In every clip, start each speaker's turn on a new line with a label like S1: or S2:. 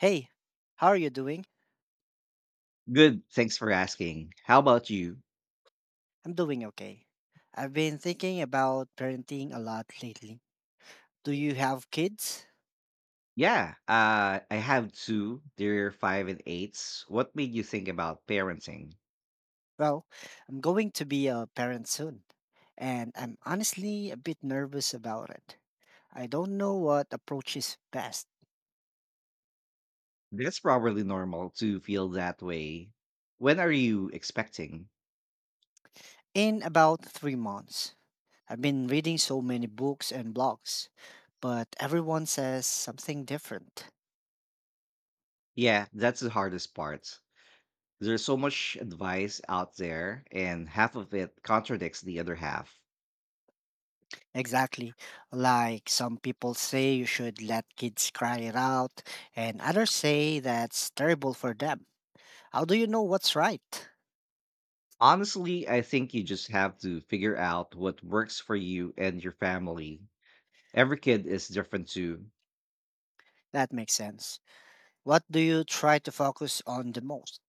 S1: Hey, how are you doing?
S2: Good. Thanks for asking. How about you?
S1: I'm doing okay. I've been thinking about parenting a lot lately. Do you have kids?
S2: Yeah, I have two. They're five and eights. What made you think about parenting?
S1: Well, I'm going to be a parent soon, and I'm honestly a bit nervous about it. I don't know what approach is best.
S2: That's probably normal to feel that way. When are you expecting?
S1: In about 3 months, I've been reading so many books and blogs, but everyone says something different.
S2: Yeah, that's the hardest part. There's so much advice out there, and half of it contradicts the other half.
S1: Exactly. Like some people say you should let kids cry it out, and others say that's terrible for them. How do you know what's right?
S2: Honestly, I think you just have to figure out what works for you and your family. Every kid is different too.
S1: That makes sense. What do you try to focus on the most?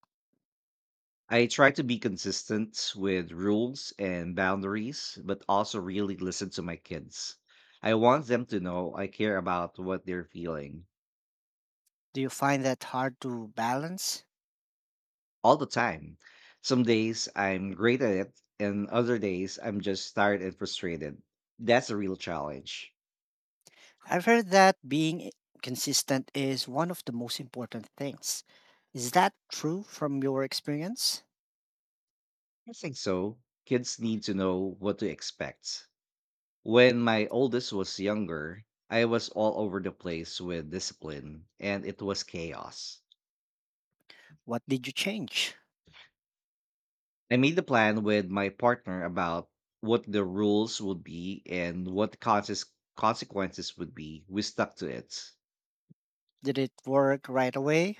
S2: I try to be consistent with rules and boundaries, but also really listen to my kids. I want them to know I care about what they're feeling
S1: Do you find that hard to balance?
S2: all the time. Some days I'm great at it, and other days I'm just tired and frustrated. That's a real challenge.
S1: I've heard that being consistent is one of the most important things. Is that true from your experience?
S2: I think so. Kids need to know what to expect. When my oldest was younger, I was all over the place with discipline, and it was chaos.
S1: What did you change?
S2: I made the plan with my partner about what the rules would be and what the consequences would be. We stuck to it.
S1: Did it work right away?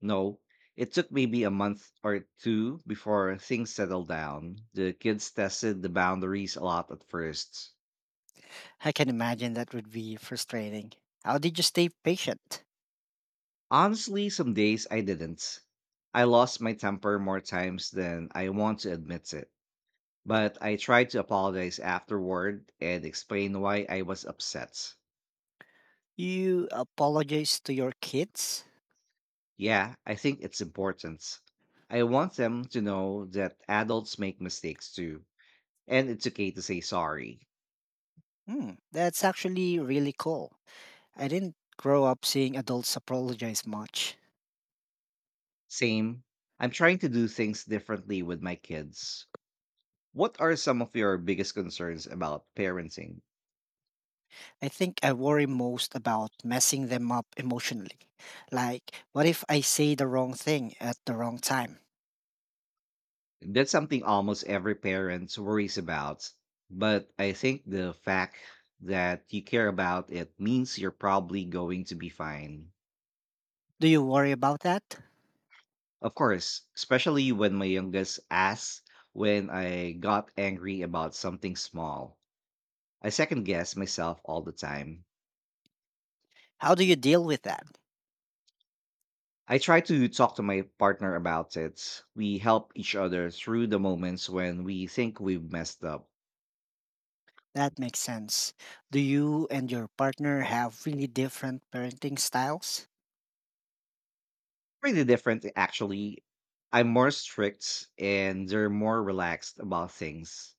S2: No, it took maybe a month or two before things settled down. The kids tested the boundaries a lot at first.
S1: I can imagine that would be frustrating. How did you stay patient?
S2: Honestly, some days I didn't. I lost my temper more times than I want to admit it. But I tried to apologize afterward and explain why I was upset.
S1: You apologized to your kids?
S2: Yeah, I think it's important. I want them to know that adults make mistakes too, and it's okay to say sorry.
S1: Hmm, that's actually really cool. I didn't grow up seeing adults apologize much.
S2: Same, I'm trying to do things differently with my kids. What are some of your biggest concerns about parenting?
S1: I think I worry most about messing them up emotionally. Like, what if I say the wrong thing at the wrong time?
S2: That's something almost every parent worries about, but I think the fact that you care about it means you're probably going to be fine.
S1: Do you worry about that?
S2: Of course, especially when my youngest asks when I got angry about something small. I second guess myself all the time.
S1: How do you deal with that?
S2: I try to talk to my partner about it. We help each other through the moments when we think we've messed up.
S1: That makes sense. Do you and your partner have really different parenting styles?
S2: Pretty different, actually. I'm more strict and they're more relaxed about things.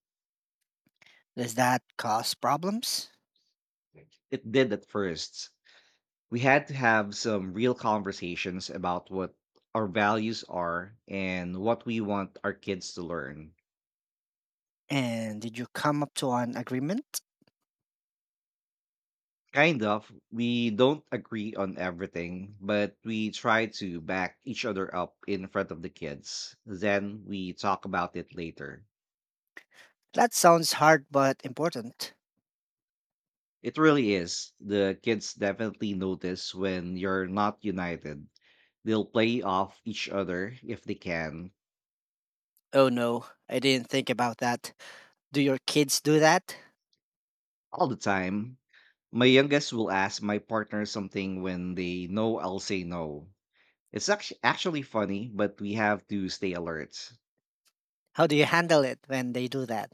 S1: Does that cause problems?
S2: It did at first, we had to have some real conversations about what our values are and what we want our kids to learn.
S1: And did you come up to an agreement?
S2: Kind of, we don't agree on everything, but we try to back each other up in front of the kids. Then we talk about it later.
S1: That sounds hard but important.
S2: It really is. The kids definitely notice when you're not united. They'll play off each other if they can
S1: Oh no, I didn't think about that. Do your kids do that?
S2: all the time. My youngest will ask my partner something when they know I'll say no. It's actually funny, but we have to stay alert.
S1: How do you handle it when they do that?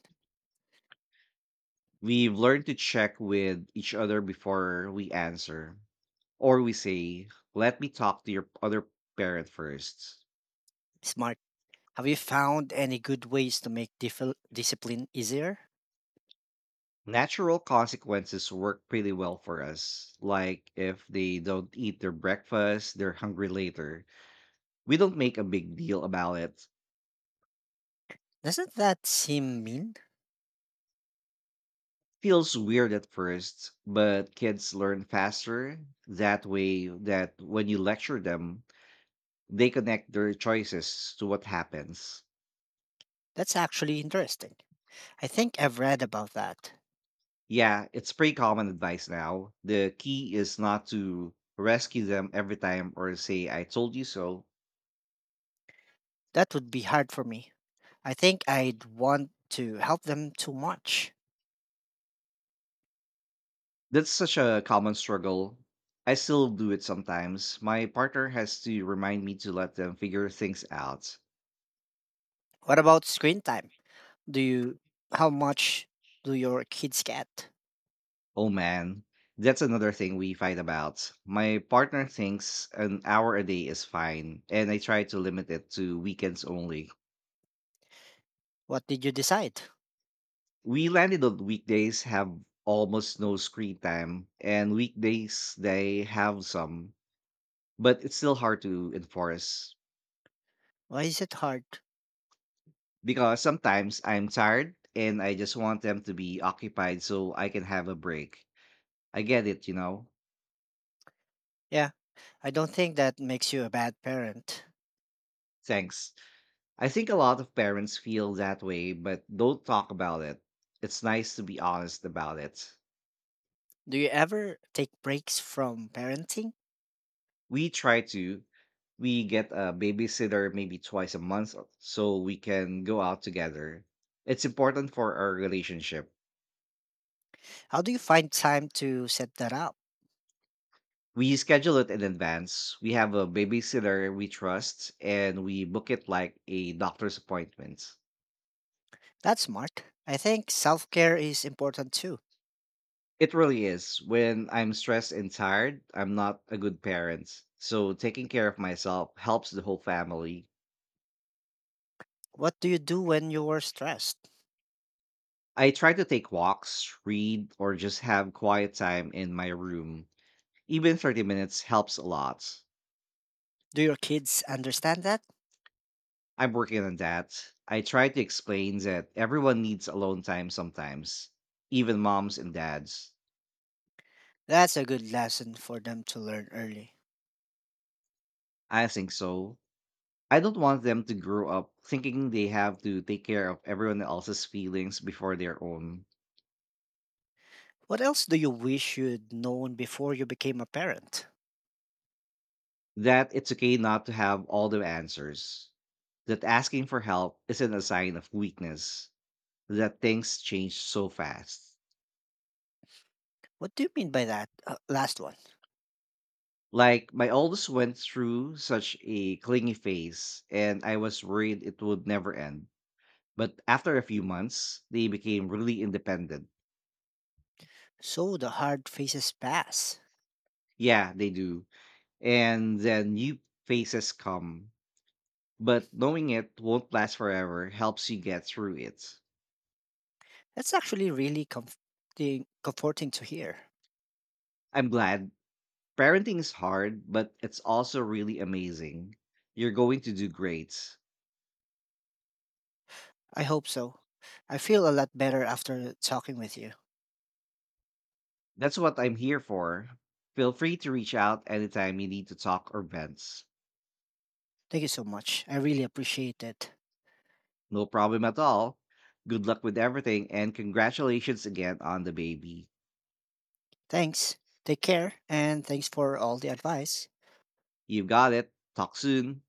S2: We've learned to check with each other before we answer, or we say, let me talk to your other parent first.
S1: Smart. Have you found any good ways to make discipline easier?
S2: Natural consequences work pretty well for us, like if they don't eat their breakfast, they're hungry later. We don't make a big deal about it.
S1: Doesn't that seem mean?
S2: Feels weird at first, but kids learn faster that way that when you lecture them, they connect their choices to what happens.
S1: That's actually interesting. I think I've read about that.
S2: Yeah, it's pretty common advice now. The key is not to rescue them every time or say, I told you so.
S1: That would be hard for me. I think I'd want to help them too much.
S2: That's such a common struggle. I still do it sometimes. My partner has to remind me to let them figure things out.
S1: What about screen time? Do you how much do your kids get?
S2: Oh man, that's another thing we fight about. My partner thinks an hour a day is fine, and I try to limit it to weekends only.
S1: What did you decide?
S2: We landed on weekdays have almost no screen time, and weekdays they have some, but it's still hard to enforce
S1: Why is it hard?
S2: because sometimes I'm tired and I just want them to be occupied so I can have a break. I get it, you know?
S1: Yeah, I don't think that makes you a bad parent.
S2: Thanks. I think a lot of parents feel that way but don't talk about it. It's nice to be honest about it.
S1: Do you ever take breaks from parenting?
S2: We try to. We get a babysitter maybe twice a month so we can go out together. It's important for our relationship.
S1: How do you find time to set that up?
S2: We schedule it in advance. We have a babysitter we trust and we book it like a doctor's appointment.
S1: That's smart. I think self-care is important too.
S2: It really is. When I'm stressed and tired, I'm not a good parent. So taking care of myself helps the whole family.
S1: What do you do when you're stressed?
S2: I try to take walks, read, or just have quiet time in my room. Even 30 minutes helps a lot.
S1: Do your kids understand that?
S2: I'm working on that. I try to explain that everyone needs alone time sometimes, even moms and dads.
S1: That's a good lesson for them to learn early.
S2: I think so. I don't want them to grow up thinking they have to take care of everyone else's feelings before their own.
S1: What else do you wish you'd known before you became a parent?
S2: That it's okay not to have all the answers. That asking for help isn't a sign of weakness. That things change so fast.
S1: What do you mean by that last one?
S2: Like my oldest went through such a clingy phase and I was worried it would never end. But after a few months, they became really independent.
S1: So the hard phases pass.
S2: Yeah, they do. And then new phases come. But knowing it won't last forever helps you get through it.
S1: That's actually really comforting to hear.
S2: I'm glad. Parenting is hard, but it's also really amazing. You're going to do great.
S1: I hope so. I feel a lot better after talking with you.
S2: That's what I'm here for. Feel free to reach out anytime you need to talk or vent.
S1: Thank you so much. I really appreciate it.
S2: No problem at all. Good luck with everything and congratulations again on the baby.
S1: Thanks. Take care. And thanks for all the advice.
S2: You have got it. Talk soon.